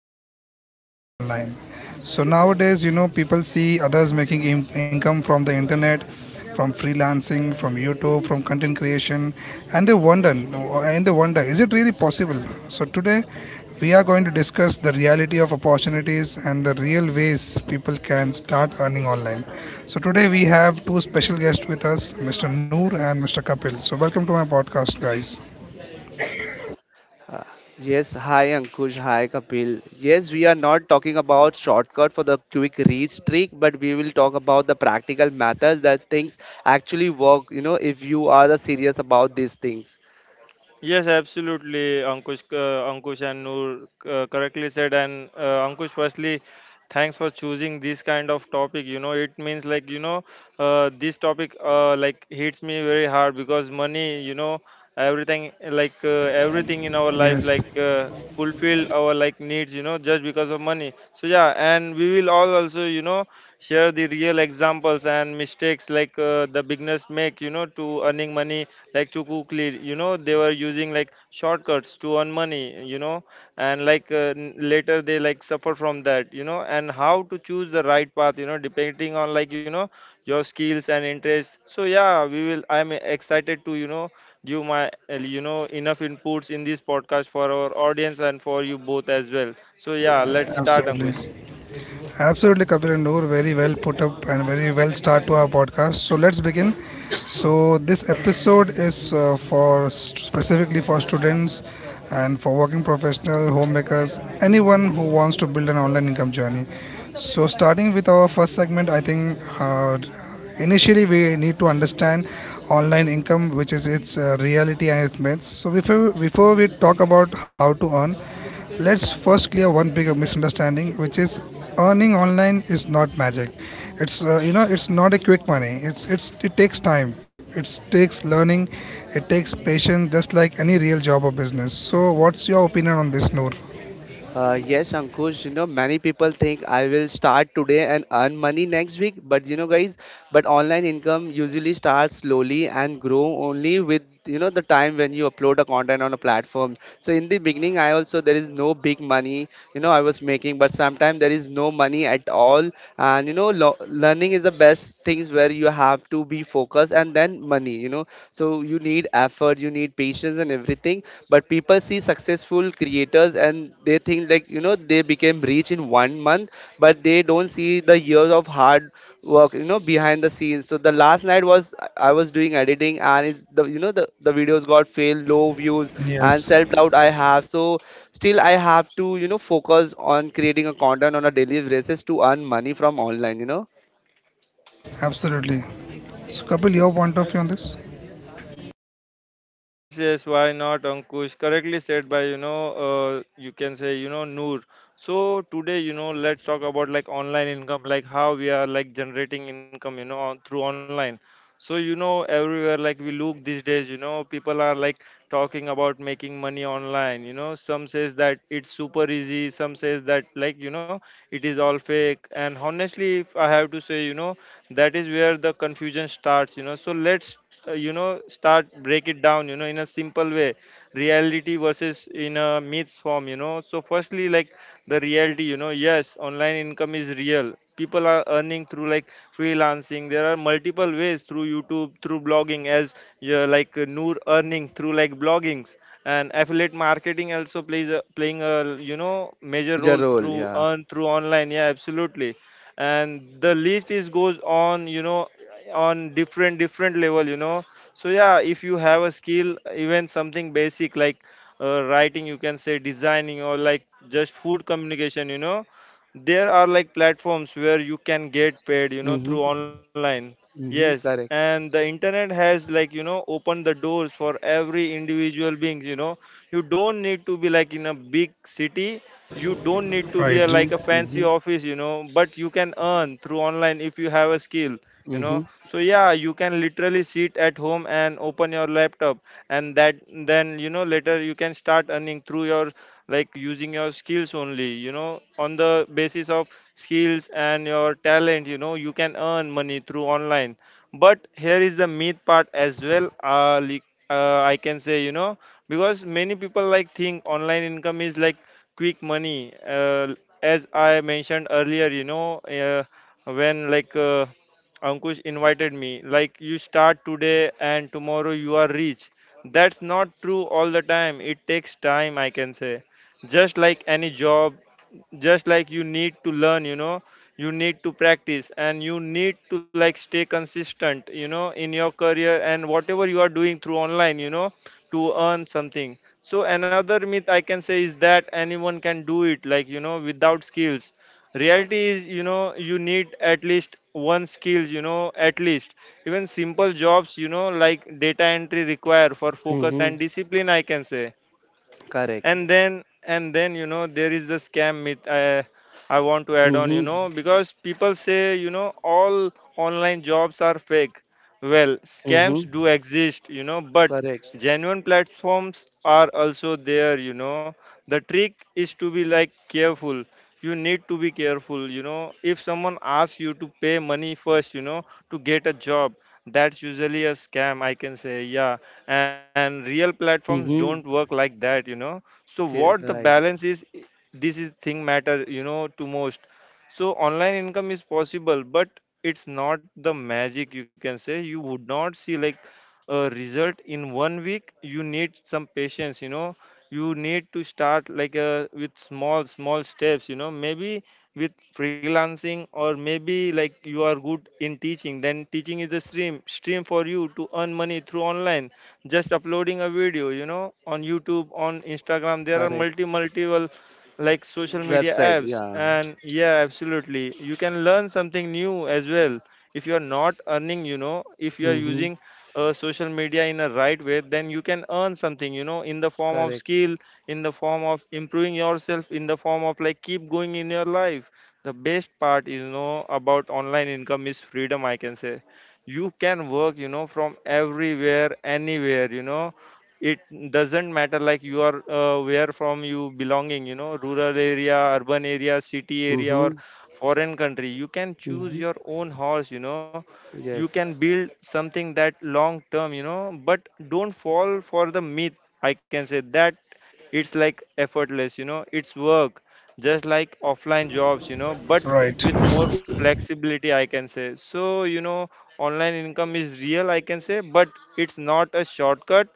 how to earn money online. So nowadays, people see others making income from the internet, from freelancing, from YouTube, from content creation, and they wonder, no, and they wonder, is it really possible? So today, we are going to discuss the reality of opportunities and the real ways people can start earning online. So today we have two special guests with us, Mr. Noor and Mr. Kapil. So welcome to my podcast, guys. Uh, Yes, hi Ankush, hi Kapil. Yes, we are not talking about shortcut for the quick reach trick, but we will talk about the practical methods that things actually work, you know, if you are serious about these things. Yes, absolutely, Ankush, Ankush and Noor correctly said. And Ankush, firstly, thanks for choosing this kind of topic. You know, it means like you know, this topic like hits me very hard because money, you know, everything like everything in our life Yes, like fulfill our like needs, you know, just because of money. So yeah, and we will all also you know share the real examples and mistakes like the beginners make, you know, to earning money like to quickly you know they were using like shortcuts to earn money you know and like later they like suffer from that you know, and how to choose the right path you know, depending on like you know your skills and interests. So yeah, we will, I'm excited to you know give my you know enough inputs in this podcast for our audience and for you both as well. So yeah, let's start, Ankush. absolutely. Absolutely, Kabir and Noor. Very well put up and very well start to our podcast. So let's begin. So this episode is specifically for students and for working professional, homemakers, anyone who wants to build an online income journey. So starting with our first segment, I think initially we need to understand online income, which is its reality and its myths. So before we talk about how to earn, let's first clear one big misunderstanding, which is earning online is not magic. It's it's not a quick money. It takes time. It takes learning. It takes patience, just like any real job or business. So, what's your opinion on this, Noor? Yes, Ankush, you know, many people think I will start today and earn money next week. But you know, guys, but online income usually starts slowly and grow only with, you know, the time when you upload a content on a platform. So in the beginning, I also, there is no big money, you know, I was making, but sometimes there is no money at all. And, you know, learning is the best things where you have to be focused and then money, you know. So you need effort, you need patience and everything. But people see successful creators and they think like, you know, they became rich in one month, but they don't see the years of hard work, you know, behind the scenes. So the last night was I was doing editing and it's the the videos got failed, low views and Yes, self doubt I have. So still I have to, you know, focus on creating a content on a daily basis to earn money from online, you know. absolutely. So, Kapil, your point of view on this? Yes, yes, why not, Ankush? Correctly said by, you know, you can say, you know, Noor. So today, you know, let's talk about like online income, like how we are like generating income, you know, on, through online. So, you know, everywhere like we look these days, you know, people are like talking about making money online. You know, some says that it's super easy, some says that like, you know, it is all fake. And honestly, if I have to say, you know, that is where the confusion starts, you know. So let's you know start break it down you know, in a simple way, reality versus in a myths form, you know. So firstly, like the reality, you know, yes, online income is real, people are earning through like freelancing, there are multiple ways, through YouTube, through blogging as, yeah, like Noor earning through like bloggings, and affiliate marketing also plays a, playing a you know major Major role role, through yeah. earn through online, yeah absolutely, and the list is goes on you know on different level you know. So yeah, if you have a skill even something basic like writing you can say, designing or like just food communication you know, there are like platforms where you can get paid you know through Mm-hmm. online. Yes, Mm-hmm. Correct. and the internet has like you know opened the doors for every individual beings you know. You don't need to be like in a big city, you don't need to be a, like Right, Mm-hmm. a fancy Mm-hmm. office you know, but you can earn through online if you have a skill you know. Mm-hmm. So yeah, you can literally sit at home and open your laptop and that then you know later you can start earning through your like using your skills only you know on the basis of skills and your talent you know, you can earn money through online. But here is the myth part as well, like, I can say you know, because many people like think online income is like quick money. As I mentioned earlier you know, when like Ankush invited me like you start today and tomorrow you are rich, that's not true all the time, it takes time I can say. Just like any job, just like you need to learn you know, you need to practice and you need to like stay consistent you know in your career and whatever you are doing through online you know to earn something. So another myth I can say is that anyone can do it, like you know, without skills. Reality is, you know, you need at least one skill, you know, at least. Even simple jobs, you know, like data entry require for focus Mhm. and discipline, I can say. Correct. And then and then you know, there is the scam myth, I want to add on you Mhm. know, because people say you know all online jobs are fake. Well, Mhm. scams do exist you know, but Correct. genuine platforms are also there you know. The trick is to be like careful, you need to be careful you know. If someone asks you to pay money first you know, to get a job, that's usually a scam I can say, yeah. And real platforms don't work Mhm. like that you know. So what the Right. balance is, this is thing matter you know to most. So online income is possible but it's not the magic you can say, you would not see like a result in 1 week, you need some patience you know. You need to start like a, with small steps you know, maybe with freelancing, or maybe like you are good in teaching, then teaching is the stream for you to earn money through online, just uploading a video you know on YouTube, on Instagram, there are Correct. multiple like social media Website. apps. Yeah. And yeah, absolutely, you can learn something new as well. If you are not earning you know, if you are Mhm. using social media in a right way, then you can earn something you know in the form of Correct. skill, in the form of improving yourself, in the form of like keep going in your life. The best part is you know about online income is freedom I can say. You can work you know from everywhere, anywhere you know. It doesn't matter like you are where from you belonging you know, rural area, urban area, city area, or Mhm. foreign country, you can choose Mhm. your own horse you know. You can Yes. build something that long term you know, but don't fall for the myth I can say, that it's like effortless you know, it's work just like offline jobs you know, but right, with more flexibility I can say. So you know, online income is real, I can say, but it's not a shortcut.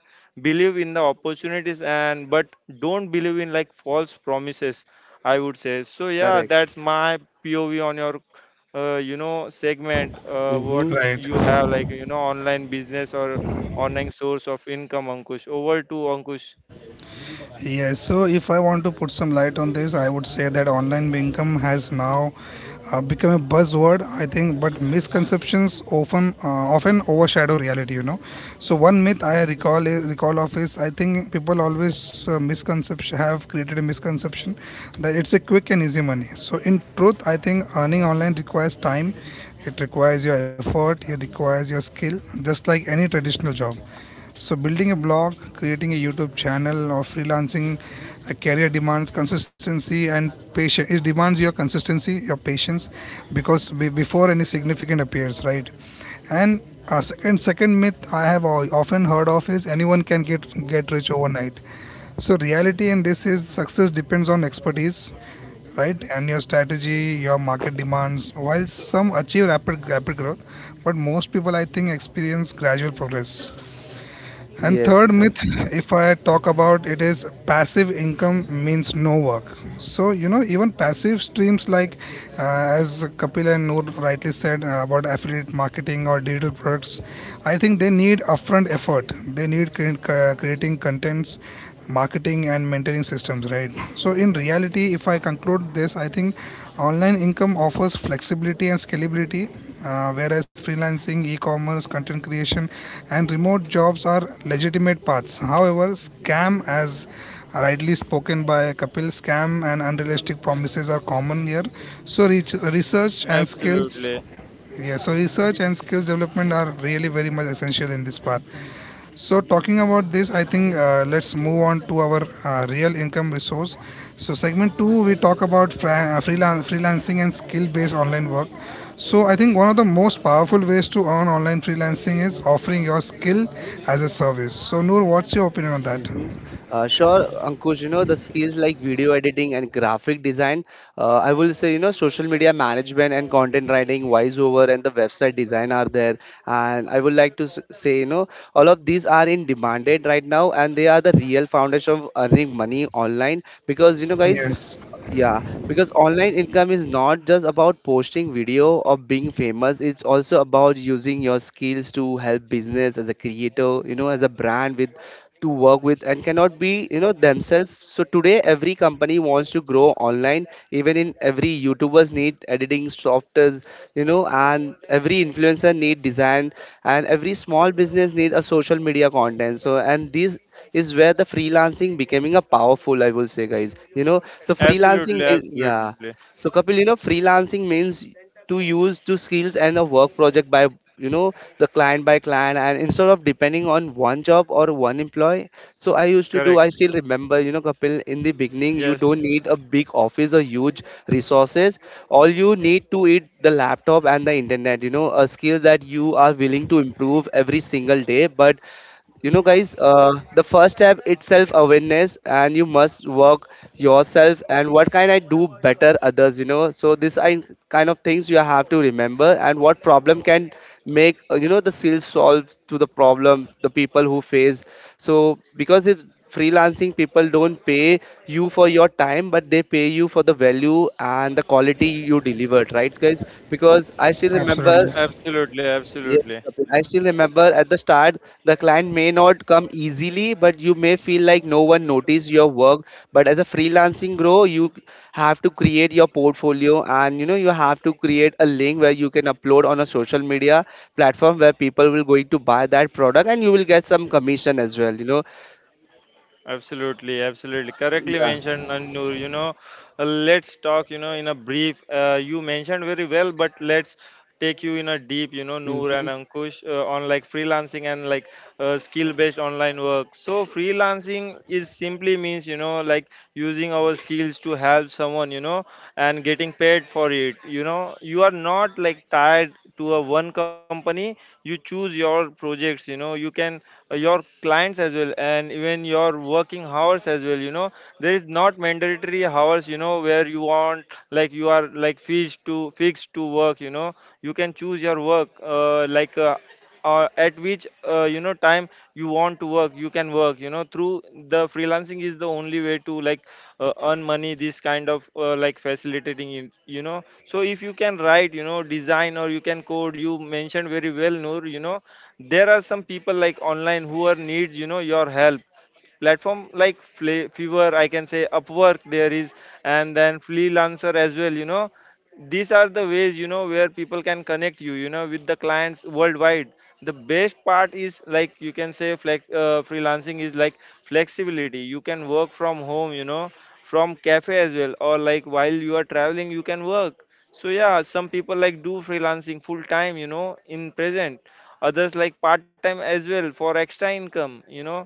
Believe in the opportunities and but don't believe in like false promises, I would say. So yeah, Correct. that's my POV on your you know segment. What Mhm. you right. have like you know, online business or online source of income, Ankush? Over to Ankush. Yes, so if I want to put some light on this, I would say that online income has now become a buzzword, I think, but misconceptions often overshadow reality, you know. So one myth I recall is, recall of is I think people always misconception have created a misconception that it's a quick and easy money. So in truth, I think earning online requires time, it requires your effort, it requires your skill, just like any traditional job, so building a blog, creating a YouTube channel or freelancing a career demands consistency and patience. It demands your consistency, your patience because before any significant appears, right? And second myth I have often heard of is anyone can get rich overnight. So reality in this is success depends on expertise, right, and your strategy, your market demands. While some achieve rapid growth, but most people I think experience gradual progress. And Yes. third myth, if I talk about it, is passive income means no work. So you know, even passive streams like, uh, as Kapil and Noor rightly said about affiliate marketing or digital products, I think they need upfront effort. They need creating contents, marketing and mentoring systems, right? So in reality, if I conclude this, I think online income offers flexibility and scalability, whereas freelancing, e-commerce, content creation and remote jobs are legitimate paths. However, scam, as rightly spoken by Kapil, scam and unrealistic promises are common here. So reach, research and skills, Absolutely, yeah, so research and skills development are really very much essential in this path. So, talking about this, I think let's move on to our real income resource. So, segment two, we talk about freelancing and skill based online work. So, I think one of the most powerful ways to earn online freelancing is offering your skill as a service. So, Noor, what's your opinion on that? hmm sure, Ankush, you know, the skills like video editing and graphic design, I will say, you know, social media management and content writing, voiceover and the website design are there. And I would like to say, you know, all of these are in demanded right now and they are the real foundation of earning money online because, you know, guys, Yes, yeah, because online income is not just about posting video or being famous. It's also about using your skills to help business as a creator, you know, as a brand with to work with and cannot be, you know, themselves. So today every company wants to grow online. Even in every YouTubers need editing softwares, you know, and every influencer need design and every small business need a social media content. So and these is where the freelancing becoming a powerful, I will say, guys. You know, so absolutely, freelancing, yeah. absolutely, So Kapil, you know, freelancing means to use two skills and a work project by you know the client by client and instead of depending on one job or one employee, so I used to do, correct, I still remember you know Kapil, in the beginning you yes, don't need a big office or huge resources. All you need to eat the laptop and the internet, you know, a skill that you are willing to improve every single day. But you know guys, the first step itself awareness and you must work yourself and what can I do better others, you know. So this I, kind of things you have to remember, and what problem can make you know the sales solve to the problem the people who face. So because if freelancing, people don't pay you for your time, but they pay you for the value and the quality you delivered, right guys? Because I still remember. absolutely. absolutely, Yes, absolutely. Kapil. I still remember at the start, the client may not come easily, but you may feel like no one noticed your work. But as a freelancing grow, you have to create your portfolio and you know you have to create a link where you can upload on a social media platform where people will going to buy that product and you will get some commission as well, you know. Absolutely, absolutely. Correctly Yeah. mentioned, Anur. You know, let's talk, you know, in a brief. You mentioned very well, but let's take you in a deep, you know, Noor Mm-hmm. and Ankush on like freelancing and like skill based online work. So, freelancing is simply means, you know, like using our skills to help someone, you know, and getting paid for it. You know, you are not like tied to a one company, you choose your projects, you know, you can your clients as well and even your working hours as well, you know. There is not mandatory hours you know, where you want like you are like fixed to work you know. You can choose your work, at which you know time you want to work, you can work you know, through the freelancing is the only way to like earn money, this kind of like facilitating it, you know. So if you can write you know, design or you can code, you mentioned very well, Noor, you know, there are some people like online who are needs you know your help. Platform like Fiverr, I can say, Upwork there is, and then Freelancer as well. You know, these are the ways you know where people can connect you. You know, with the clients worldwide. The best part is like you can say freelancing is like flexibility. You can work from home. You know, from cafe as well, or like while you are traveling, you can work. So yeah, some people like do freelancing full time. In present others like part time as well for extra income. you know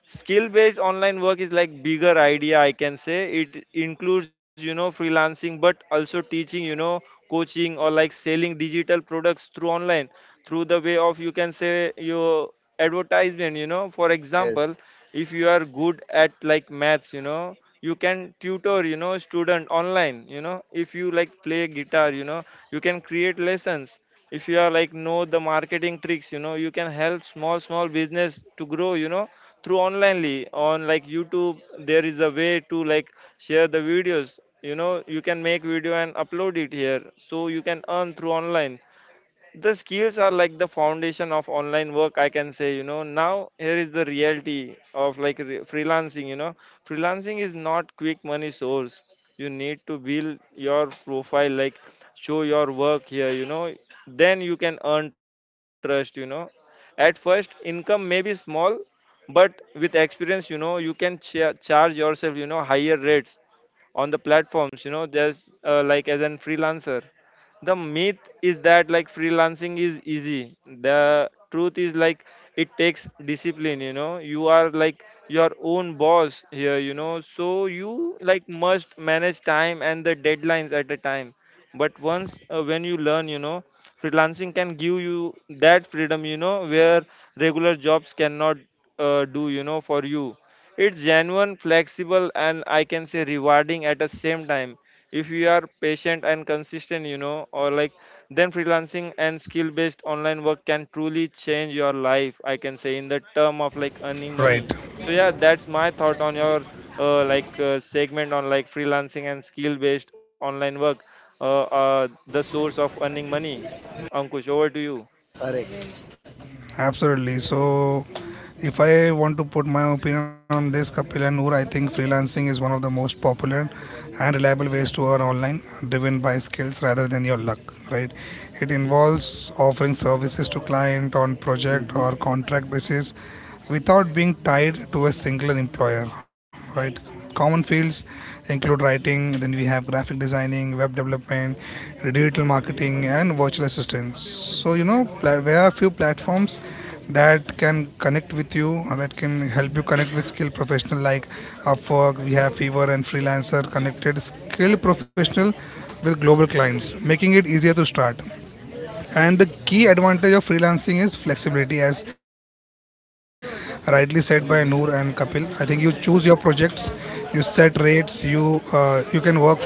Skill based online work is like bigger idea, I can say. It includes freelancing but also teaching, coaching, or like selling digital products through online, through the way of you can say your advertisement. For example, Yes, if you are good at like maths, you can tutor student online. If you like play guitar, you can create lessons. If you are like know the marketing tricks, you can help small small business to grow, through onlinely on like YouTube. There is a way to like share the videos. You can make video and upload it here, so you can earn through online. The skills are like the foundation of online work, I can say. Now here is the reality of like freelancing. Freelancing is not quick money source. You need to build your profile, like show your work here. Then you can earn trust. At first income may be small, but with experience, you can charge yourself higher rates on the platforms. There's like as an freelancer. The myth is that like freelancing is easy. The truth is, like it takes discipline. You are like your own boss here, so you like must manage time and the deadlines at a time. But once when you learn, freelancing can give you that freedom, where regular jobs cannot. Do you know for you, it's genuine, flexible, and I can say rewarding at the same time. If you are patient and consistent, you know, or like, then freelancing and skill based online work can truly change your life. I can say in the term of like earning money. Right. So, yeah, that's my thought on your like segment on like freelancing and skill based online work, the source of earning money. Ankush, over to you. correct. Absolutely. So, if I want to put my opinion on this, Kapil and Noor, I think freelancing is one of the most popular and reliable ways to earn online, driven by skills rather than your luck, right? It involves offering services to client on project Mm-hmm. or contract basis without being tied to a single employer, right? Common fields include writing, then we have graphic designing, web development, digital marketing, and virtual assistants. So, you know, there are few platforms that can help you connect with skilled professional like Upwork, we have Fiverr and Freelancer, connected skilled professional with global clients, making it easier to start. And the key advantage of freelancing is flexibility, as rightly said by Noor and Kapil. I think Mm-hmm. you choose your projects, you set rates, you can work from anywhere.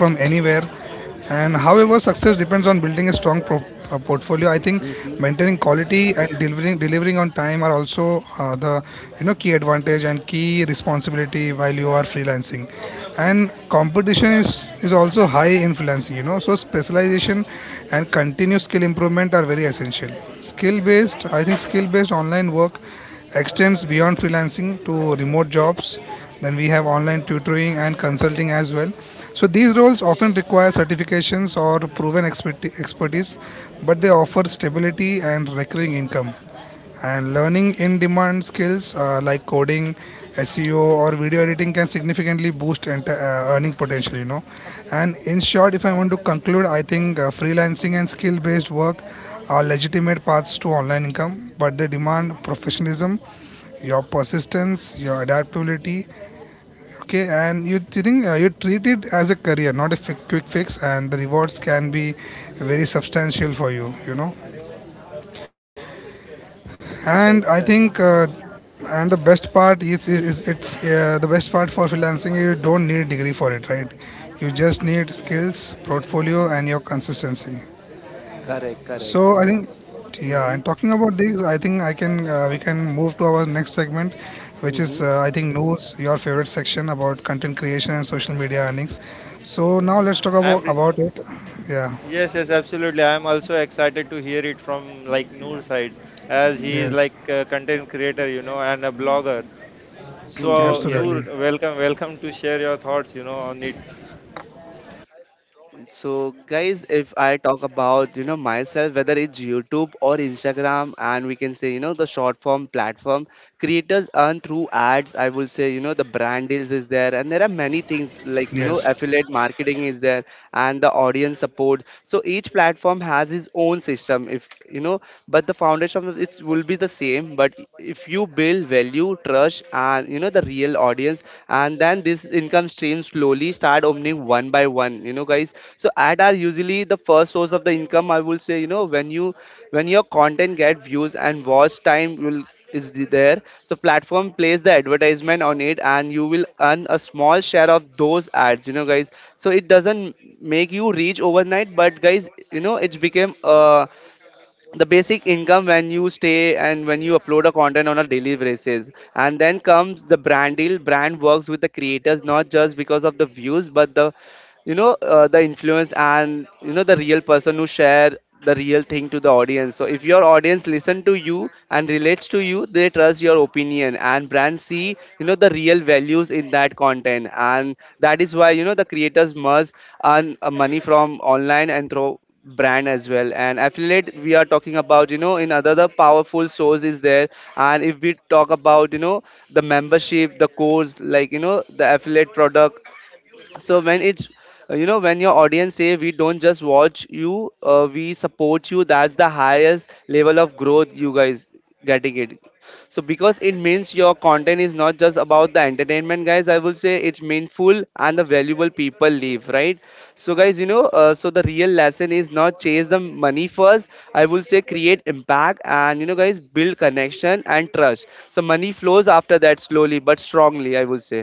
And however, success depends on building a strong portfolio. I think maintaining Mm-hmm. quality and delivering on time are also the, you know, key advantage and key responsibility while you are freelancing, and competition is also high influence, you know, so specialization and continuous skill improvement are very essential. Skill based, I think skill based online work extends beyond freelancing to remote jobs, then we have online tutoring and consulting as well. So these roles often require certifications or proven expertise, but they offer stability and recurring income. And learning in demand skills like coding, SEO, or video editing can significantly boost earning potential, you know. And in short, if I want to conclude, I think freelancing and skill based work are legitimate paths to online income, but they demand professionalism, your persistence, your adaptability. Okay, and you think you treat it as a career, not a quick fix, and the rewards can be very substantial for you, you know. And Yes, I correct. think and the best part is, is it's the best part for freelancing, you don't need degree for it, right? You just need skills, portfolio and your consistency. Correct, correct. So I think, yeah, Mm-hmm. and talking about this, I think I can we can move to our next segment, which is, Mm-hmm. I think, news your favorite section about content creation and social media earnings. So now let's talk I'm. about it. Yeah, Yes, yes, absolutely. I am also excited to hear it from like Noor sides, as he is yes, like a content creator, you know, and a blogger. Mm-hmm. So Yes. Noor, absolutely. welcome, welcome to share your thoughts, you know, on it. So, guys, if I talk about you know myself, whether it's YouTube or Instagram, and we can say you know the short form platform, creators earn through ads. I will say you know the brand deals is there, and there are many things like you know Yes, affiliate marketing is there, and the audience support. So each platform has its own system. If you know, but the foundation of it will be the same. But if you build value, trust, and you know the real audience, and then this income stream slowly start opening one by one, you know guys. So ad are usually the first source of the income, I will say, you know, when you when your content get views and watch time will there. So platform plays the advertisement on it and you will earn a small share of those ads, you know guys. So it doesn't make you reach overnight, but guys, you know it's became a the basic income when you stay and when you upload a content on a daily basis. And then comes the brand deal. Brand works with the creators not just because of the views, but the you know the influence and you know the real person who share the real thing to the audience. So if your audience listen to you and relates to you, they trust your opinion and brands see you know the real values in that content. And that is why, you know, the creators must earn money from online and through brand as well. And affiliate we are talking about, you know, in other the powerful source is there. And if we talk about you know the membership, the course, like you know the affiliate product, so when it's you know, when your audience say we don't just watch you, we support you, that's the highest level of growth, you guys getting it. So because it means your content is not just about the entertainment, guys, I will say it's meaningful and the valuable people live, right? So guys, you know, so the real lesson is not chase the money first, I will say. Create impact and you know guys, build connection and trust, so money flows after that slowly but strongly, I will say.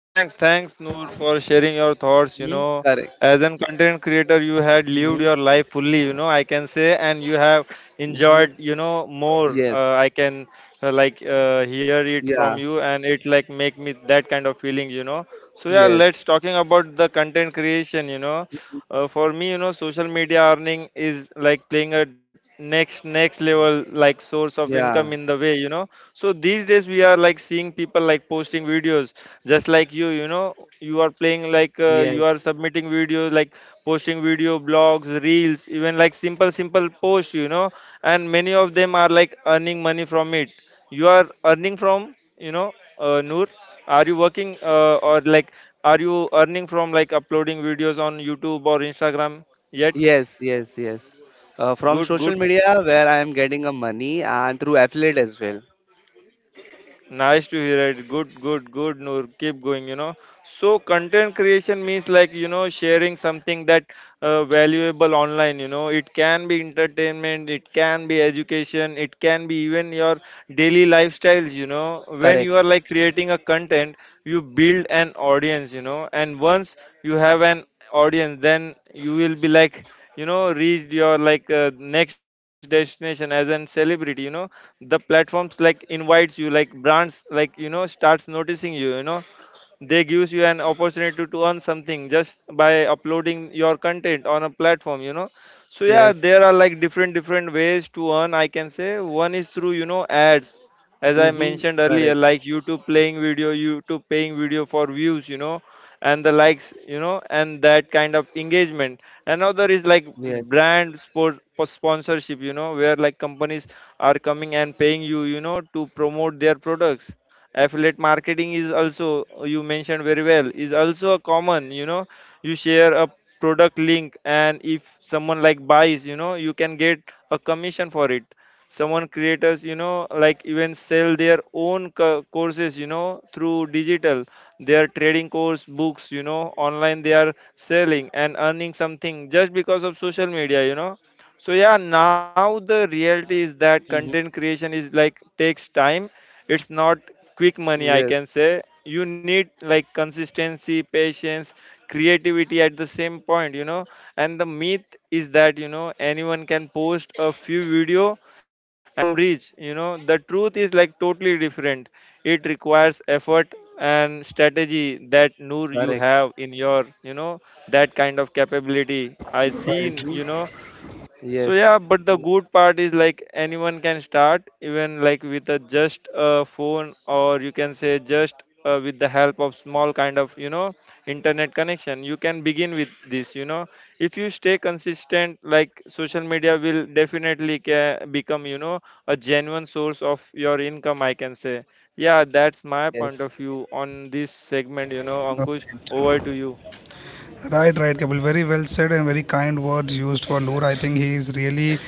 Thanks, thanks, Noor, for sharing your thoughts. You Mhm. know, Correct. as a content creator, you had lived your life fully, you know, I can say, and you have hmm enjoyed, you know, more. Yes. I can like hear it from Yeah. you, and it like make me that kind of feeling, you know. So, yeah, Yes. let's talking about the content creation, you know. For me, you know, social media earning is like playing a next level like source of income in Yeah. the way, you know. So these days we are like seeing people like posting videos, just like you know you are playing like, Yes. you are submitting videos like posting video blogs, reels, even like simple posts. And many of them are like earning money from it. You are earning from, Noor, are you working or like, are you earning from like uploading videos on YouTube or Instagram yet? Yes. Yes. Yes. From Good, social good. media, where I am getting a money and through affiliate as well. Nice to hear it. Good, good, good, Noor. Keep going, you know. So, content creation means like, you know, sharing something that valuable online, you know. It can be entertainment, it can be education, it can be even your daily lifestyles, you know. When Correct. you are like creating a content, you build an audience, you know. And once you have an audience, then you will be like, you know, reached your like next destination as an celebrity, you know. The platforms like invites you, like brands like, you know, starts noticing you. You know They gives you an opportunity to earn something just by uploading your content on a platform, you know. So yeah, Yes. there are like different ways to earn, I can say. One is through, you know, ads. As I Mm-hmm. mentioned earlier, Correct. like YouTube playing video, YouTube paying video for views, you know, and the likes, you know, and that kind of engagement. Another is like Yes. brand sport sponsorship, you know, where like companies are coming and paying you, you know, to promote their products. Affiliate marketing is also, you mentioned very well, is also a common, you know. You share a product link, and if someone like buys, you know, you can get a commission for it. Someone creators, you know, like even sell their own courses, you know, through digital. They are trading course books, you know, online. They are selling and earning something just because of social media, you know. So yeah, now the reality is that content Mm-hmm. creation is like takes time. It's not quick money, I can Yes. say. You need like consistency, patience, creativity at the same point, you know. And the myth is that, you know, anyone can post a few video and become rich, you know. The truth is like totally different. It requires effort and strategy that Noor you Correct. have in your, you know, that kind of capability I seen, right. Mm-hmm. you know. So yeah, Yes. but the good part is like anyone can start, even like with a just a phone, or you can say just with the help of small kind of, you know, internet connection. You can begin with this. You know, if you stay consistent, like social media will definitely become, you know, a genuine source of your income. I can say, yeah, that's my point Yes. of view on this segment. You know, Ankush, over to you. Right, right, Kapil. Very well said and very kind words used for Noor. I think he is really,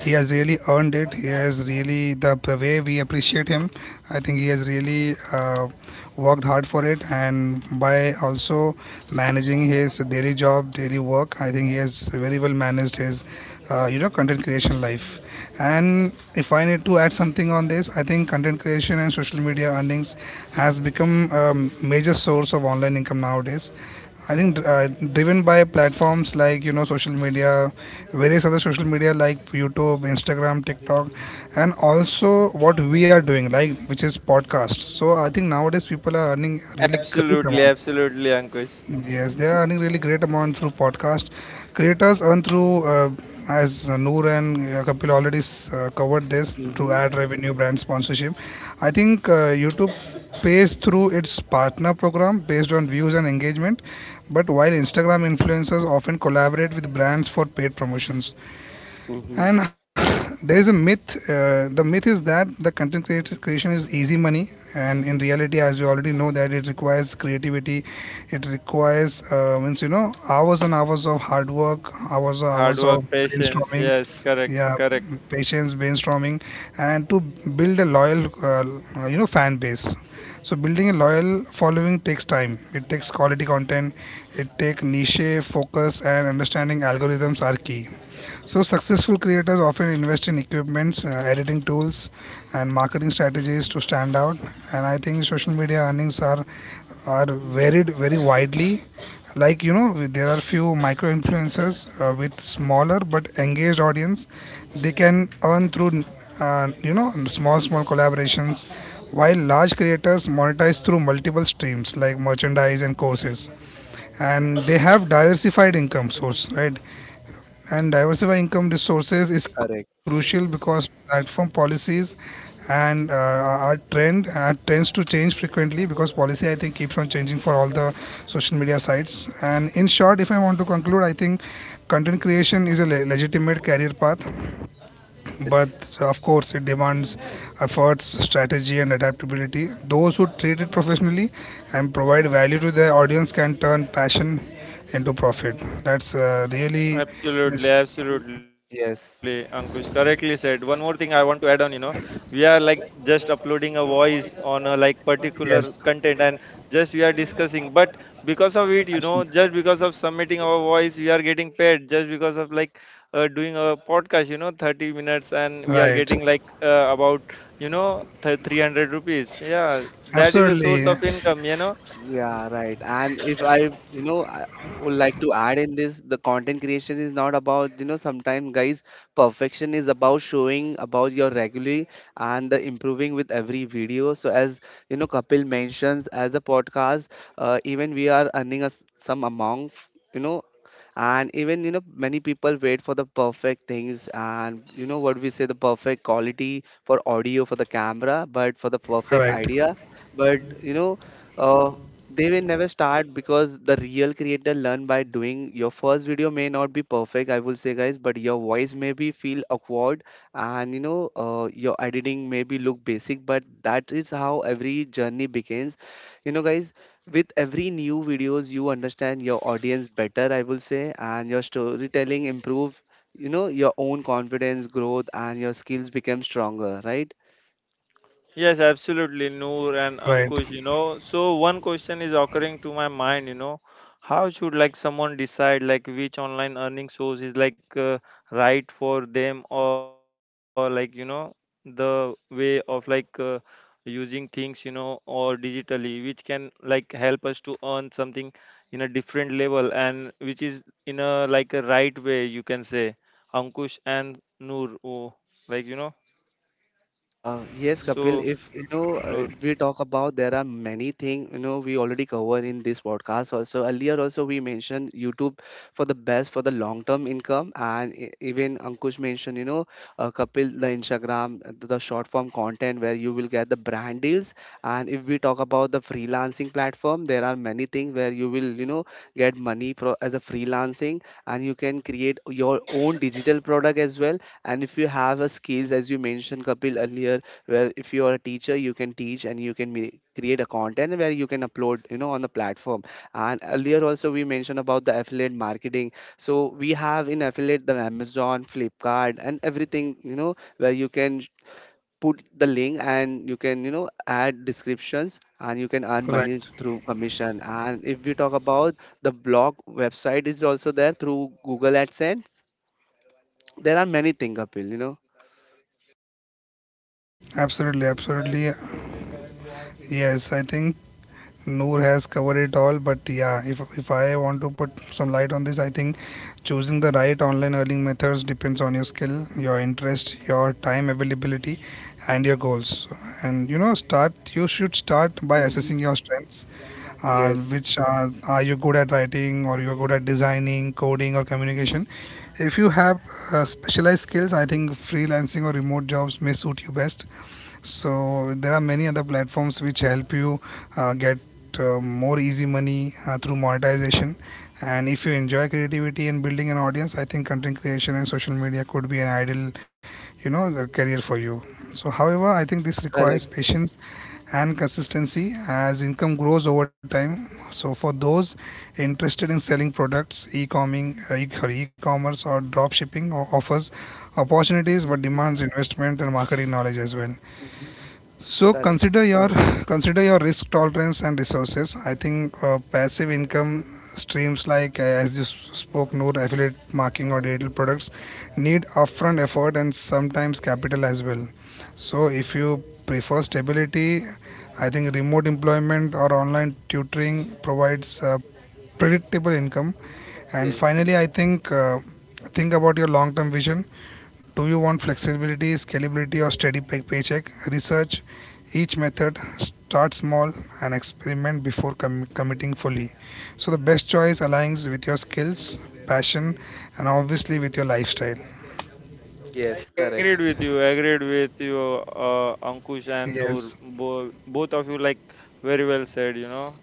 he has really earned it. He has really the way we appreciate him. I think he has really worked hard for it, and by also managing his daily job, daily work, I think he has very well managed his, content creation life. And if I need to add something on this, I think content creation and social media earnings has become a major source of online income nowadays. I think driven by platforms like, you know, social media, various other social media like YouTube, Instagram, TikTok, and also what we are doing, like, which is podcast. So I think nowadays people are earning really great Absolutely, amount. absolutely, Ankush. Yes, they are earning really great amount through podcast. Creators earn through, as Noor and Kapil already covered this, through Mm-hmm. ad revenue, brand sponsorship. I think YouTube pays through its partner program based on views and engagement. But while Instagram influencers often collaborate with brands for paid promotions, Mm-hmm. and there is a myth. The myth is that the creation is easy money, and in reality, as we already know, that it requires creativity. It requires means you know, hours and hours of hard work, hours and Hard hours work, of patience. brainstorming. Yes, correct, Yeah, correct. patience, brainstorming, and to build a loyal, fan base. So building a loyal following takes time. It takes quality content. It takes niche focus, and understanding algorithms are key. So, successful creators often invest in equipments, editing tools, and marketing strategies to stand out. And I think social media earnings are varied very widely. Like you know, there are few micro influencers with smaller but engaged audience. They can earn through you know, small small collaborations, while large creators monetize through multiple streams like merchandise and courses, and they have diversified income source, right? And diversify income resources is Correct. crucial because platform policies and are trend are trends to change frequently because policy, I think, keeps on changing for all the social media sites. And in short, if I want to conclude, I think content creation is a legitimate career path, but Yes. of course it demands efforts, strategy, and adaptability. Those who treat it professionally and provide value to their audience can turn passion into profit. That's really Absolutely, means Mm-hmm. absolutely. Ankush Yes. correctly said. One more thing I want to add on, you know, we are like just uploading a voice on a like Yes, particular content and just we are discussing. But because of it, you know, absolutely. just because of submitting our voice, we are getting paid. Just because of like doing a podcast, you know, 30 minutes and we are Right. getting like about, you know, 300 rupees. Yeah, that is a Absolutely. source Uh, of income, you know. Yeah, right. And if I, you know, I would like to add in this, the content creation is not about, you know, sometimes guys, perfection is about showing about your regularly and the improving with every video. So as, you know, Kapil mentions, as a podcast, even we are earning us some amount, you know, and even, you know, many people wait for the perfect things and, you know, what we say, the perfect quality for audio, for the camera, but for the perfect right. idea. But, you know, uh, they will never start because the real creator learn by doing. Your first video may not be perfect, I will say, guys, but your voice may be feel awkward, and you know, your editing may be look basic, but that is how every journey begins. You know, guys, with every new videos, you understand your audience better, I will say, and your storytelling improve. You know, your own confidence growth and your skills become stronger, right? Yes, absolutely, Noor and Right. Ankush, you know. So one question is occurring to my mind, you know, how should like someone decide like which online earning source is like right for them, or like, you know, the way of like using things, you know, or digitally, which can like help us to earn something in a different level and which is in a like a right way, you can say. Ankush and Noor, oh, like, you know, Yes, Kapil, so if you know, Noor. we talk about there are many things, you know, we already covered in this podcast also. Earlier also we mentioned YouTube for the best for the long-term income, and even Ankush mentioned, you know, Kapil, the Instagram, the short form content where you will get the brand deals. And if we talk about the freelancing platform, there are many things where you will, you know, get money for as a freelancing, and you can create your own digital product as well. And if you have a skills, as you mentioned, Kapil, earlier, where if you are a teacher, you can teach and you can make, create a content where you can upload, you know, on the platform. And earlier also we mentioned about the affiliate marketing. So we have in affiliate the Amazon, Flipkart, and everything, you know, where you can put the link and you can, you know, add descriptions and you can earn Right. money through commission. And if we talk about the blog website is also there through Google AdSense. There are many things, Kapil, you Absolutely. Absolutely. Yes, I think Noor has covered it all. But yeah, if I want to put some light on this, I think choosing the right online earning methods depends on your skill, your interest, your time availability, and your goals. And you know, start. You should start by know. assessing your strengths, Yes, which are you good at writing or you're good at designing, coding, or communication? If you have specialized skills, I think freelancing or remote jobs may suit you best. So there are many other platforms which help you get more easy money through monetization. And if you enjoy creativity and building an audience, I think content creation and social media could be an ideal career for you. So however, I think this requires correct. patience and consistency as income grows over time. So for those interested in selling products, e-commerce, or drop shipping offers opportunities but Mm-hmm, demands investment and marketing knowledge as well. mm-hmm, So correct. Consider your risk tolerance and resources. I think passive income streams like as you spoke, no, affiliate marketing or digital products need upfront effort and sometimes capital as well. So if you prefer stability, I think remote employment or online tutoring provides predictable income. And Yes, finally, I think about your long-term vision. Do you want flexibility, scalability, or steady paycheck? Research each method, start small, and experiment before committing fully. So, the best choice aligns with your skills, passion, and obviously with your lifestyle. yes, correct. Agreed with you. Agreed with you, Ankush and Yes, Noor. Both of you, like, very well said, you know.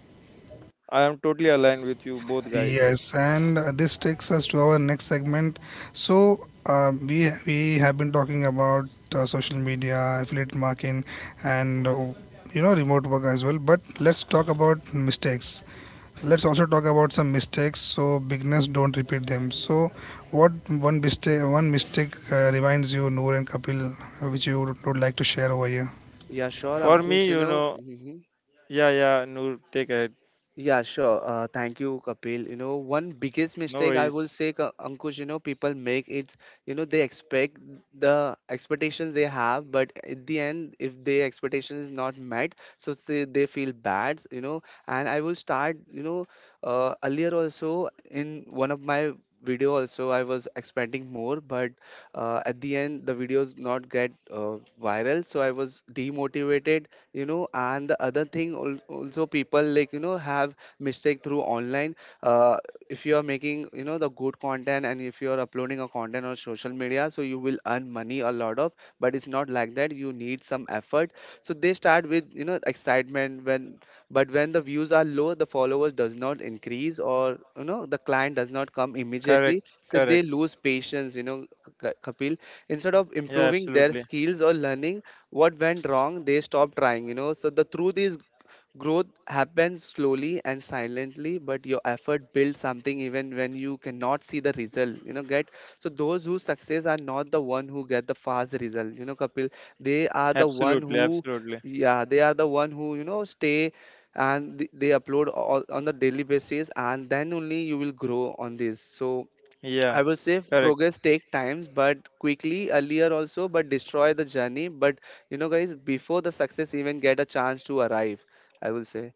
I am totally aligned with you, both guys. yes, and this takes us to our next segment. So we have been talking about social media, affiliate marketing, and remote work as well. But let's talk about mistakes. Let's also talk about some mistakes so beginners don't repeat them. So, what one mistake reminds you, Noor and Kapil, which you would like to share over here? Yeah, sure, For me, Ankush, you you know. know, yeah, yeah, Noor, take it. Yeah, sure. Thank you, Kapil. You know, one biggest No mistake I will worries. say, Ankush, you know, people make it's, you know, they expect the expectations they have, but at the end, if their expectation is not met, so say they feel bad, you know. And I will start, earlier also in one of my video also I was expecting more, but at the end the videos not get viral, so I was demotivated, you know. And the other thing also people like have mistake through online uh, if you are making, you know, the good content and if you are uploading a content on social media, so you will earn money a lot of, but it's not like that, you need some effort. So they start with, you know, excitement when, but when the views are low, the followers does not increase or, you know, the client does not come immediately, Correct, so they correct. lose patience, you know, Kapil, instead of Yeah, improving their absolutely. skills or learning what went wrong, they stopped trying, you know. So the truth is, growth happens slowly and silently, but your effort builds something even when you cannot see the result, you know, get. So those who success are not the one who get the fast result, you know, Kapil. They are the one Absolutely, who, absolutely. yeah, they are the one who, you know, stay and they upload all, on the daily basis, and then only you will grow on this. So I Yeah, will say correct. progress take times, but quickly earlier also, but destroy the journey. But you know, guys, before the success even get a chance to arrive, I will say.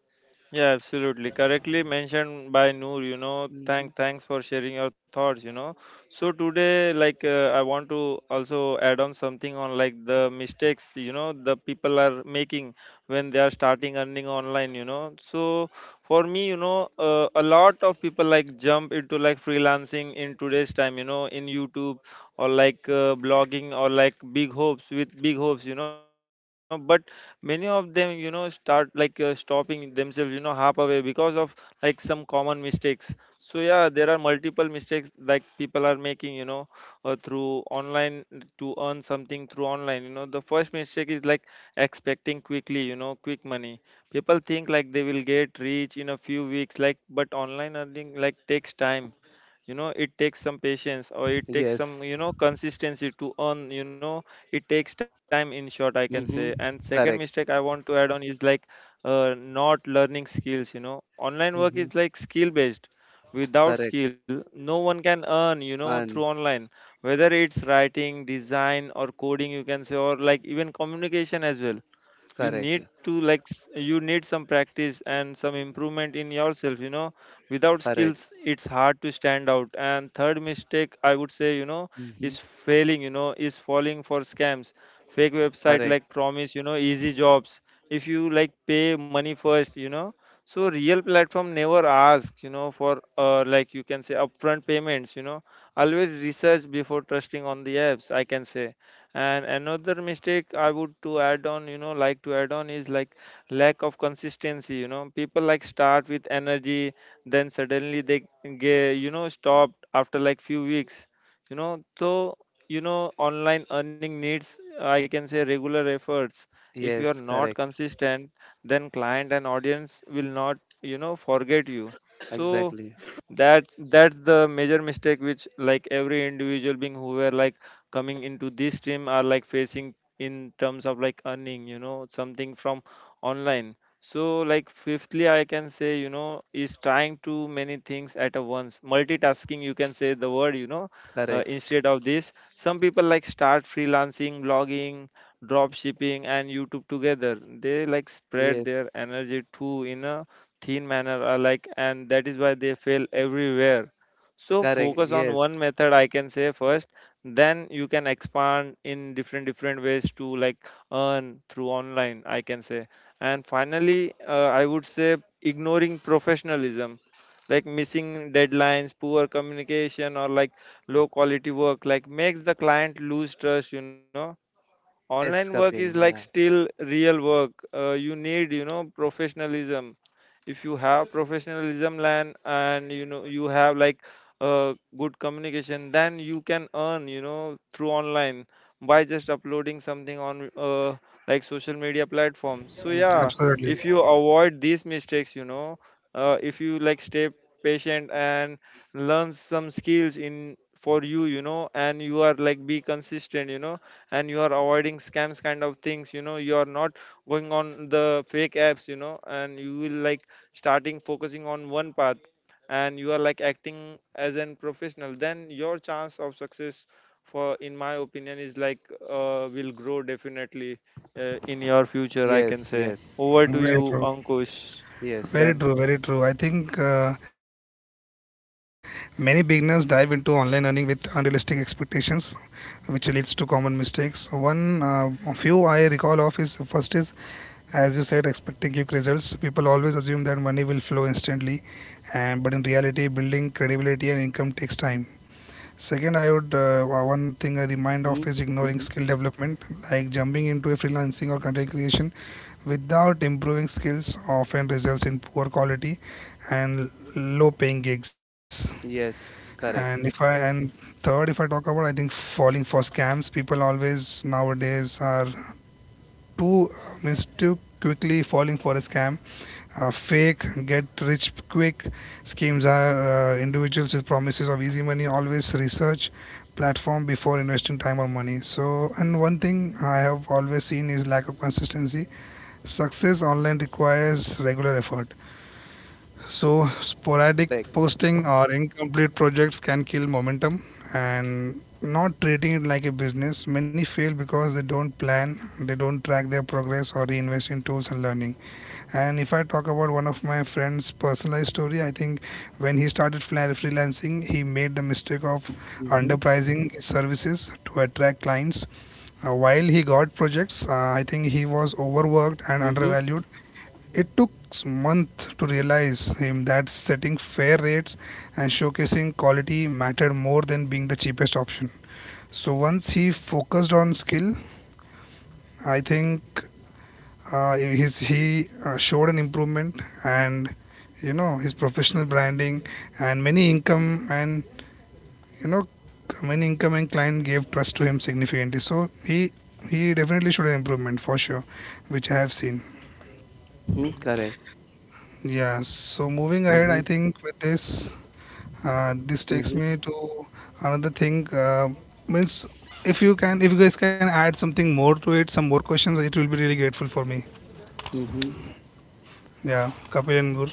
Yeah, absolutely. Correctly mentioned by Noor, you know, Hmm. thank thanks for sharing your thoughts, you know. So today like I want to also add on something on like the mistakes, you know, the people are making when they are starting earning online, you know. So for me, you know, a lot of people like jump into like freelancing in today's time, you know, in YouTube or like blogging, or like big hopes with big hopes, you know. But many of them, you know, start like stopping themselves, you know, half away because of like some common mistakes. So yeah, there are multiple mistakes like people are making, you know, through online, to earn something through online, you know. The first mistake is like expecting quickly, you know, quick money. People think like they will get rich in a few weeks, like, but online earning like takes time, you know. It takes some patience, or it takes Yes. some, you know, consistency to earn, you know. It takes time in short, I can say. And Hmm. second mistake Correct. I want to add on is like not learning skills, you know. Online work Hmm. is like skill based. Without Correct. skill, no one can earn, you know, through And online, whether it's writing, design, or coding, you can say, or like even communication as well. You correct. need to like you need some practice and some improvement in yourself, you know. Without Correct. skills, it's hard to stand out. And third mistake I would say, you know, Hmm. is falling for scams. Fake website Correct. like promise, you know, easy jobs if you like pay money first, you know. So real platform never ask, you know, for like you can say upfront payments, you know. Always research before trusting on the apps, I can say. And another mistake I would to add on, you know, like to add on is like lack of consistency, you know. People like start with energy, then suddenly they get, you know, stopped after like few weeks, you know. So, you know, online earning needs, I can say, regular efforts. If you are Yes. not Correct. consistent, then client and audience will not, you know, forget you. So Exactly. that's the major mistake which like every individual being who were like coming into this team are like facing in terms of like earning, you know, something from online. So like fifthly, I can say, you know, is trying too many things at a once, multitasking you can say the word, you know. uh, Correct. instead of this, some people like start freelancing, blogging, drop shipping and YouTube together. They like spread Yes. their energy too in a thin manner alike, and that is why they fail everywhere. So Correct. focus on Yes. one method, I can say, first. Then you can expand in different ways to like earn through online, I can say. And finally, I would say ignoring professionalism, like missing deadlines, poor communication, or like low quality work like makes the client lose trust, you know. Yes, Online work Kapil. is like Yeah. still real work. You need, you know, professionalism. If you have professionalism land and you know you have like good communication, then you can earn, you know, through online by just uploading something on like social media platforms, so Hmm. yeah. Absolutely, If you avoid these mistakes, you know, if you like stay patient and learn some skills in for you, you know, and you are like be consistent, you know, and you are avoiding scams kind of things, you know, you are not going on the fake apps, you know, and you will like starting focusing on one path, and you are like acting as an professional, then your chance of success for in my opinion is like will grow definitely in your future, I can Yes. say. Yes. Over to very you, true. Ankush. Yes. Very Then true, very true. I think many beginners dive into online earning with unrealistic expectations, which leads to common mistakes. One, a few I recall of is, first is, as you said, expecting quick results. People always assume that money will flow instantly, and but in reality, building credibility and income takes time. Second, I would, one thing I remind of Hmm. is ignoring Hmm. skill development, like jumping into a freelancing or content creation without improving skills often results in poor quality and low paying gigs. Yes. And if Correct. I and third, if I talk about, I think falling for scams, people always nowadays are too, means too quickly falling for a scam. Fake get rich quick schemes are individuals with promises of easy money. Always research platform before investing time or money. So, and one thing I have always seen is lack of consistency. Success online requires regular effort. So, sporadic Correct. posting or incomplete projects can kill momentum and not treating it like a business. Many fail because they don't plan, they don't track their progress or reinvest in tools and learning. And if I talk about one of my friend's personalized story, I think when he started freelancing, he made the mistake of underpricing his services to attract clients. While he got projects, I think he was overworked and Mhm, undervalued. It took months to realize him that setting fair rates and showcasing quality mattered more than being the cheapest option. So once he focused on skill, I think his he showed an improvement and you know his professional branding and many income and you know many incoming client gave trust to him significantly. So he definitely showed an improvement for sure, which I have seen. mhm, correct. Yeah, so moving ahead, I Mhm, think with this, this takes mhm, me to another thing. Means if you can, if you guys can add something more to it, some more questions, it will be really grateful for me. mhm, Yeah, Kapil and Noor.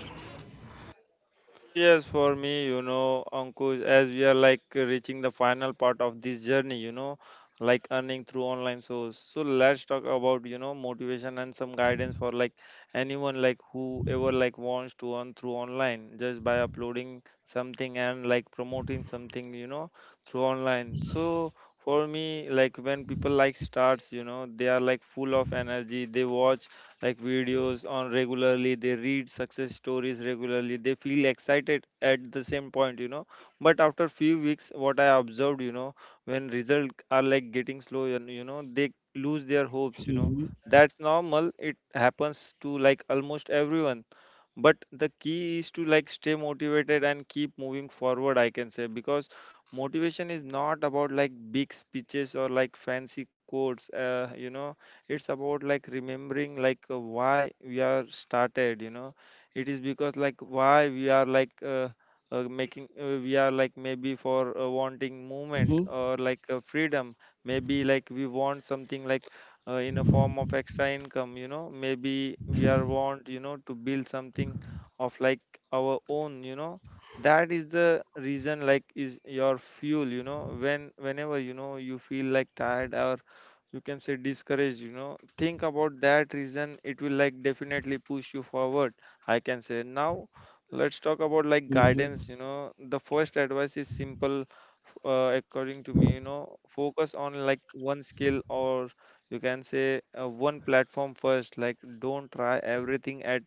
so yes, for me, you know, Ankush, as we are like reaching the final part of this journey, you know, like earning through online source. So let's talk about, you know, motivation and some guidance for like anyone like whoever like wants to earn through online just by uploading something and like promoting something, you know, through online. So for me, like when people like starts, you know, they are like full of energy. They watch like videos on regularly, they read success stories regularly, they feel excited at the same point, you know, but after few weeks what I observed, you know, when results are like getting slow and you know they lose their hopes, you know, mhm, that's normal, it happens to like almost everyone. But the key is to like stay motivated and keep moving forward, I can say, because motivation is not about like big speeches or like fancy quotes, you know, it's about like remembering like why we are started, you know. It is because like why we are like making we are like maybe for wanting movement mhm, or like freedom, maybe like we want something like in a form of extra income, you know, maybe we are want, you know, to build something of like our own, you know. That is the reason like is your fuel, you know, when whenever you know you feel like tired or you can say discouraged, you know, think about that reason, it will like definitely push you forward, I can say. Now let's talk about like mhm, guidance, you know. The first advice is simple. According to me, you know, focus on like one skill or you can say one platform first. Like don't try everything at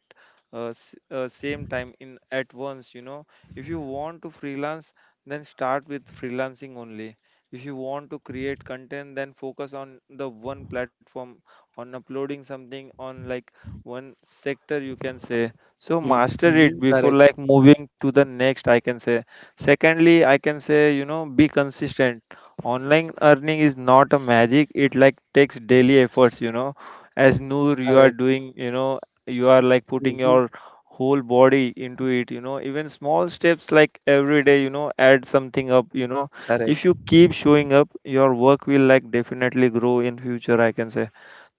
same time in at once, you know. If you want to freelance, then start with freelancing only. If you want to create content, then focus on the one platform, on uploading something on like one sector, you can say. So mhm, master mhm, it before correct, like moving to the next, I can say. Secondly, I can say, you know, be consistent. Online earning is not a magic. It like takes daily efforts, you know. As Noor, you are correct. doing, you know, you are like putting Mhm, your whole body into it, you know. Even small steps like every day, you know, add something up, you know. correct. If you keep showing up, your work will like definitely grow in future, I can say.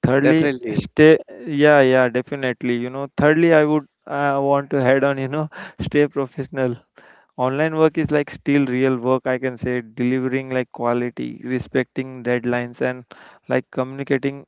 Thirdly, Definitely. stay, yeah, yeah, definitely, you know. Thirdly, I would want to head on, you know, stay professional. Online work is like still real work, I can say, delivering like quality, respecting deadlines, and like communicating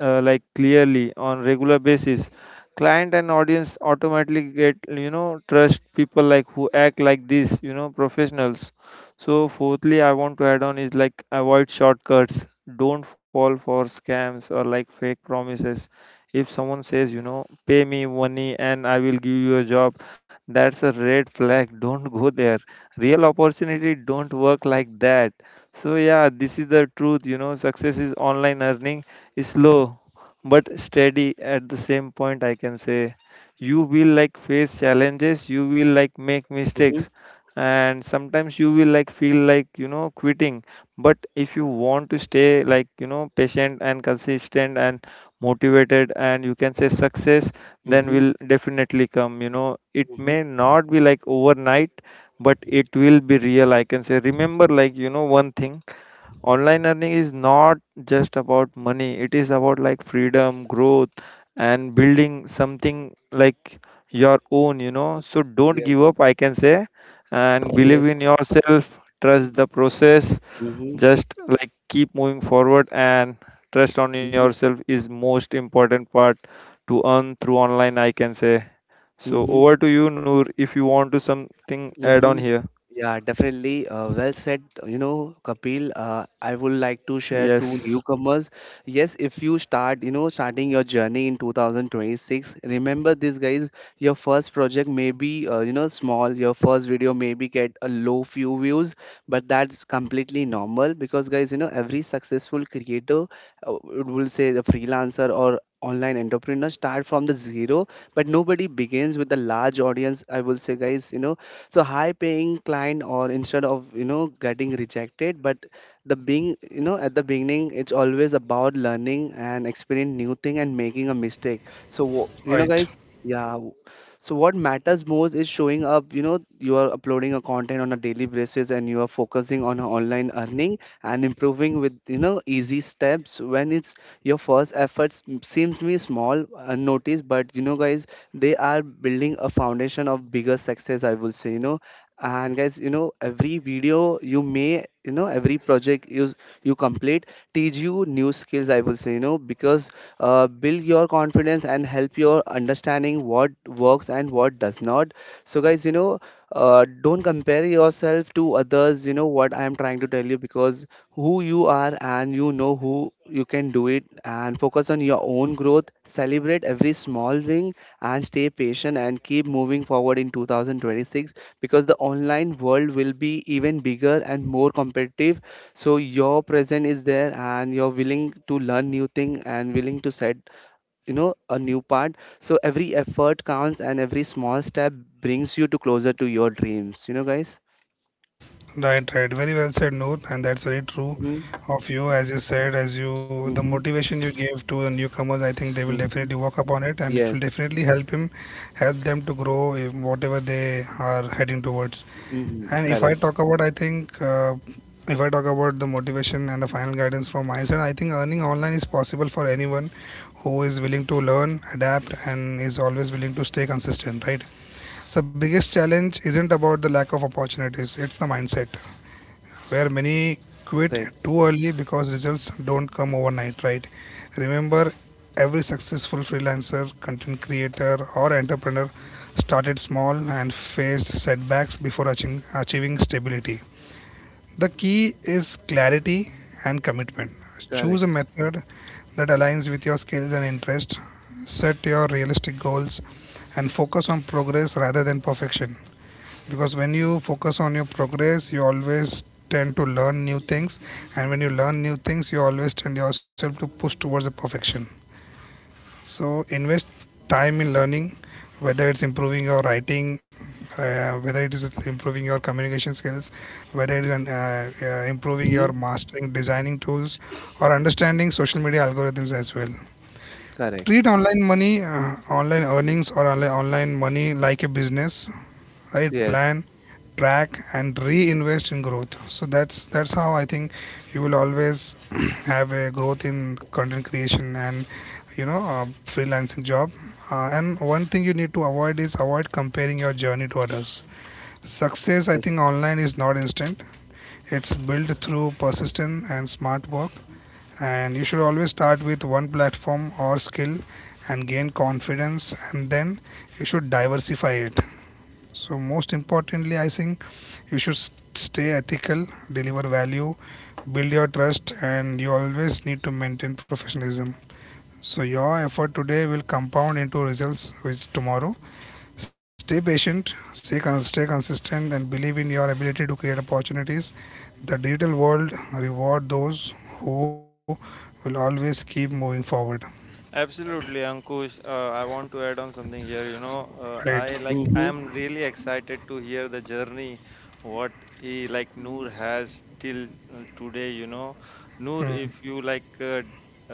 like clearly on regular basis. Client and audience automatically get you know trust people like who act like this, you know, professionals. So fourthly, I want to add on is like avoid shortcuts. Don't fall for scams or like fake promises. If someone says, you know, pay me money and I will give you a job, that's a red flag. Don't go there. Real opportunity don't work like that. So yeah, this is the truth. You know, success is online earning is slow but steady at the same point, I can say. You will like face challenges, you will like make Mhm, mistakes, and sometimes you will like feel like you know quitting, but if you want to stay like you know patient and consistent and motivated, and you can say success then mhm, will definitely come, you know. It mhm. may not be like overnight, but it will be real, I can say. Remember like you know one thing, online earning is not just about money, it is about like freedom, growth, and building something like your own, you know. So don't Yes, give up, I can say, and believe yes. in yourself, trust the process, Mhm, just like keep moving forward, and trust on mhm, yourself is most important part to earn through online, I can say. So mhm. over to you, Noor, if you want to something add on Mm-hmm. here. Yeah, definitely. Well said, you know, Kapil. I would like to share two Yes, newcomers. Yes, if you start, you know, starting your journey in 2026, remember this, guys. Your first project may be, you know, small. Your first video maybe get a low few views, but that's completely normal because, guys, you know, every successful creator, will say the freelancer or online entrepreneur start from the zero, but nobody begins with a large audience, I will say, guys, you know. So high paying client or instead of, you know, getting rejected, but the being, you know, at the beginning, it's always about learning and experience new thing and making a mistake. So you know, Right, guys, yeah, so what matters most is showing up, you know. You are uploading a content on a daily basis and you are focusing on online earning and improving with, you know, easy steps. When it's your first efforts seems to be small unnoticed, but you know, guys, they are building a foundation of bigger success, I will say, you know. And guys, you know, every video you may, you know, every project you you complete teach you new skills, I will say, you know, because build your confidence and help your understanding what works and what does not. So guys, you know, don't compare yourself to others, you know what I am trying to tell you, because who you are and you know who you can do it, and focus on your own growth, celebrate every small win, and stay patient and keep moving forward in 2026, because the online world will be even bigger and more competitive. So your present is there and you're willing to learn new thing and willing to set, you know, a new part. So every effort counts and every small step brings you to closer to your dreams, you know, guys. right. Very well said, Noor, and that's very true Mm-hmm, of you. As you said, as you the mm-hmm, motivation you gave to the newcomers, I think they will mm-hmm. definitely work upon it, and it will Yes. definitely help him, help them to grow in whatever they are heading towards. Mm-hmm. And if I Correct. talk about, I think, if I talk about the motivation and the final guidance from my side, I think earning online is possible for anyone who is willing to learn, adapt, and is always willing to stay consistent, right? So, biggest challenge isn't about the lack of opportunities, it's the mindset where many quit Correct. too early because results don't come overnight, right? Remember, every successful freelancer, content creator, or entrepreneur started small and faced setbacks before achieving stability. The key is clarity and commitment. Choose a Correct. method that aligns with your skills and interests, set your realistic goals, and focus on progress rather than perfection, because when you focus on your progress you always tend to learn new things, and when you learn new things you always tend yourself to push towards the perfection. So invest time in learning, whether it's improving your writing, whether it is improving your communication skills, whether it is improving your Mm-hmm. mastering designing tools or understanding social media algorithms as well. Correct. Treat online money, online earnings, or online money like a business. Right Yes. plan, track, and reinvest in growth. So that's how I think you will always have a growth in content creation and you know freelancing job. And one thing you need to avoid is avoid comparing your journey to others. Success, I Yes. think, online is not instant, it's built through persistence and smart work. And you should always start with one platform or skill and gain confidence, and then you should diversify it. So most importantly, I think you should stay ethical, deliver value, build your trust, and you always need to maintain professionalism. So your effort today will compound into results which tomorrow. Stay patient, stay consistent, and believe in your ability to create opportunities. The digital world reward those who will always keep moving forward. absolutely, Ankush. I want to add on something here. You know, Right. I like I am really excited to hear the journey what he like Noor has till today. You know, Noor, if you like uh,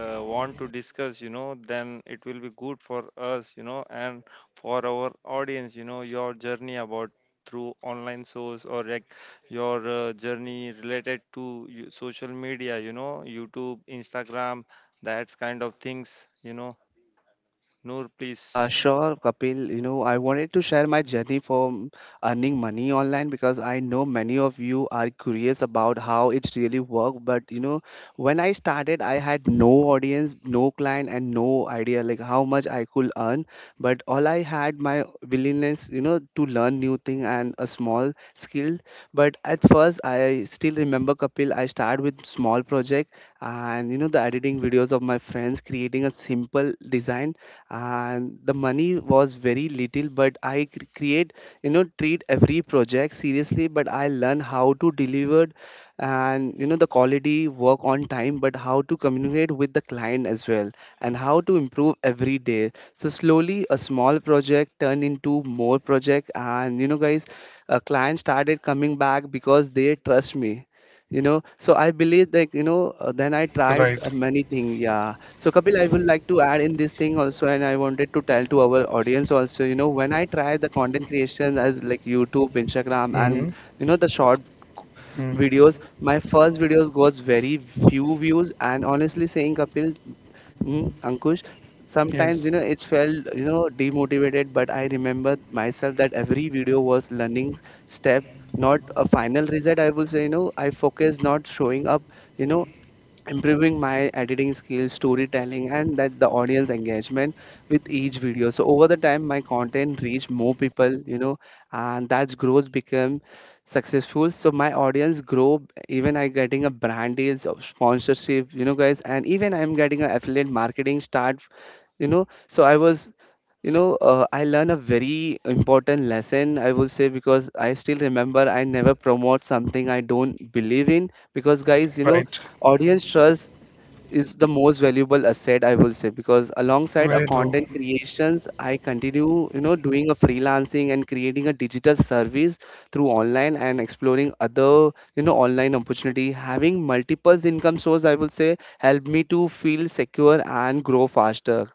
uh, want to discuss, you know, then it will be good for us. You know, and for our audience. You know, your journey about through online source or like your journey related to you- social media, you know, YouTube, Instagram, that's kind of things, you know. Noor, please. Sure, Kapil. You know, I wanted to share my journey from earning money online, because I know many of you are curious about how it really worked. But you know, when I started, I had no audience, no client, and no idea like how much I could earn. But all I had my willingness, you know, to learn new thing and a small skill. But at first, I still remember, Kapil, I started with small project and you know the editing videos of my friends, creating a simple design, and the money was very little, but create, you know, treat every project seriously, but I learn how to deliver and, you know, the quality work on time, but how to communicate with the client as well and how to improve every day. So slowly a small project turned into more project, and you know, guys, a client started coming back because they trust me, you know. So I believe that, you know, then I tried Right. Many things. Yeah, so Kapil, I would like to add in this thing also, and I wanted to tell to our audience also, you know, when I tried the content creation as like YouTube, Instagram, Mm-hmm. and you know the short Mm. videos, my first videos got very few views. And honestly saying, Kapil, mm, Ankush, sometimes Yes. you know it's felt, you know, demotivated, but I remember myself that every video was learning step, not a final result. I will say, you know, I focus not showing up, you know, improving my editing skills, storytelling, and that the audience engagement with each video. So over the time, my content reach more people, you know, and that's growth become successful. So my audience grow. Even I getting a brand deals of sponsorship, you know, guys, and even I'm getting a affiliate marketing start, you know. So I was, you know, I learned a very important lesson, I will say, because I still remember I never promote something I don't believe in. Because, guys, you know, Right. audience trust is the most valuable asset, I will say, because alongside a Very true. content creations, I continue, you know, doing a freelancing and creating a digital service through online and exploring other, you know, online opportunity. Having multiple income source, I will say, help me to feel secure and grow faster.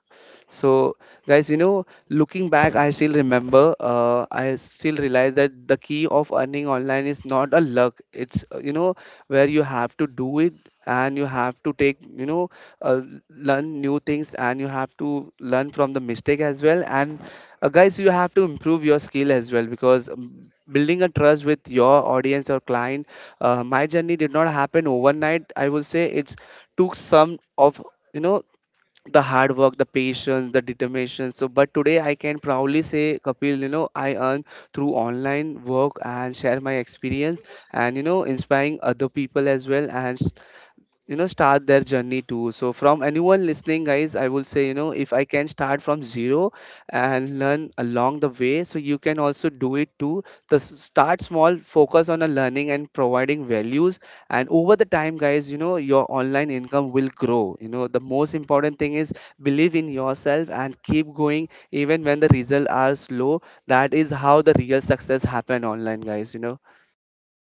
So, guys, you know, looking back, I still remember, I still realize that the key of earning online is not a luck. It's, you know, where you have to do it and you have to take, you know, uh, learn new things and you have to learn from the mistake as well, and guys, you have to improve your skill as well, because building a trust with your audience or client, my journey did not happen overnight, I will say. It took some of, you know, the hard work, the patience, the determination. So, but today I can proudly say, Kapil, you know, I earn through online work and share my experience and, you know, inspiring other people as well. And you know, start their journey too. So from anyone listening, guys, I will say, you know, if I can start from zero and learn along the way, so you can also do it too. The start small, focus on a learning and providing values, and over the time, guys, you know, your online income will grow. You know, the most important thing is believe in yourself and keep going even when the results are slow. That is how the real success happen online, guys, you know.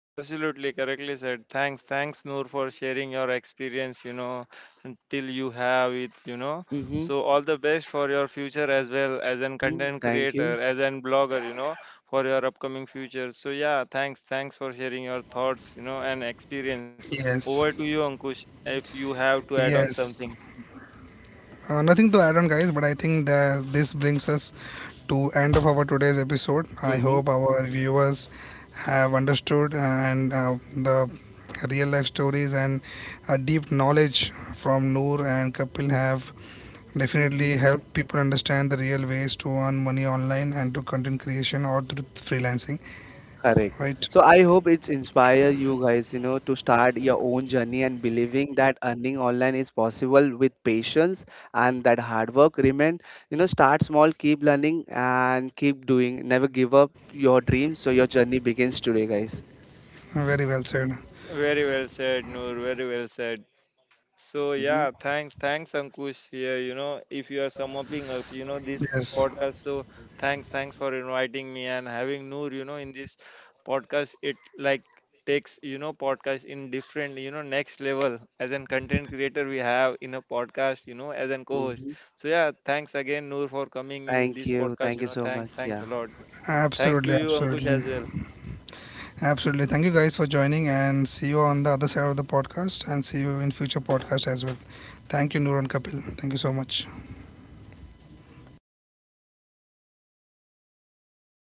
Absolutely correctly said. Thanks, thanks, Noor, for sharing your experience, you know, until you have it, you know. Mm-hmm, So, all the best for your future as well as an mm-hmm. content Thank you. creator, as an blogger, you know, for your upcoming future. So, yeah, thanks, thanks for sharing your thoughts, you know, and experience. Yes. Over to you, Ankush, if you have to add on Yes. something. Nothing to add on, guys, but I think that this brings us to end of our today's episode. I Mm-hmm, hope our viewers have understood and the real life stories and a deep knowledge from Noor and Kapil have mm-hmm. definitely helped people understand the real ways to earn money online and to content creation or through freelancing. Correct. Right? So I hope it's inspire you guys, you know, to start your own journey and believing that earning online is possible with patience and that hard work. Remain, you know, start small, keep learning and keep doing. Never give up your dreams. So your journey begins today, guys. Very well said. Very well said, Noor, very well said. So Mm-hmm. yeah, thanks, thanks Ankush. Yeah, you know, if you are summating up, you know, this Yes, podcast. So thanks, thanks for inviting me and having Noor, you know, in this podcast. It like takes, you know, podcast in different, you know, next level. As an content creator, we have in a podcast, you know, as an co-host. Mm-hmm. So yeah, thanks again, Noor, for coming in Thank this you. podcast. Thank You you know, so thanks, much. thanks Yeah. a lot. Thanks to absolutely, you, Ankush, absolutely. as well. Absolutely. Thank you guys for joining and see you on the other side of the podcast and see you in future podcast as well. Thank you, Noor and Kapil. Thank you so much.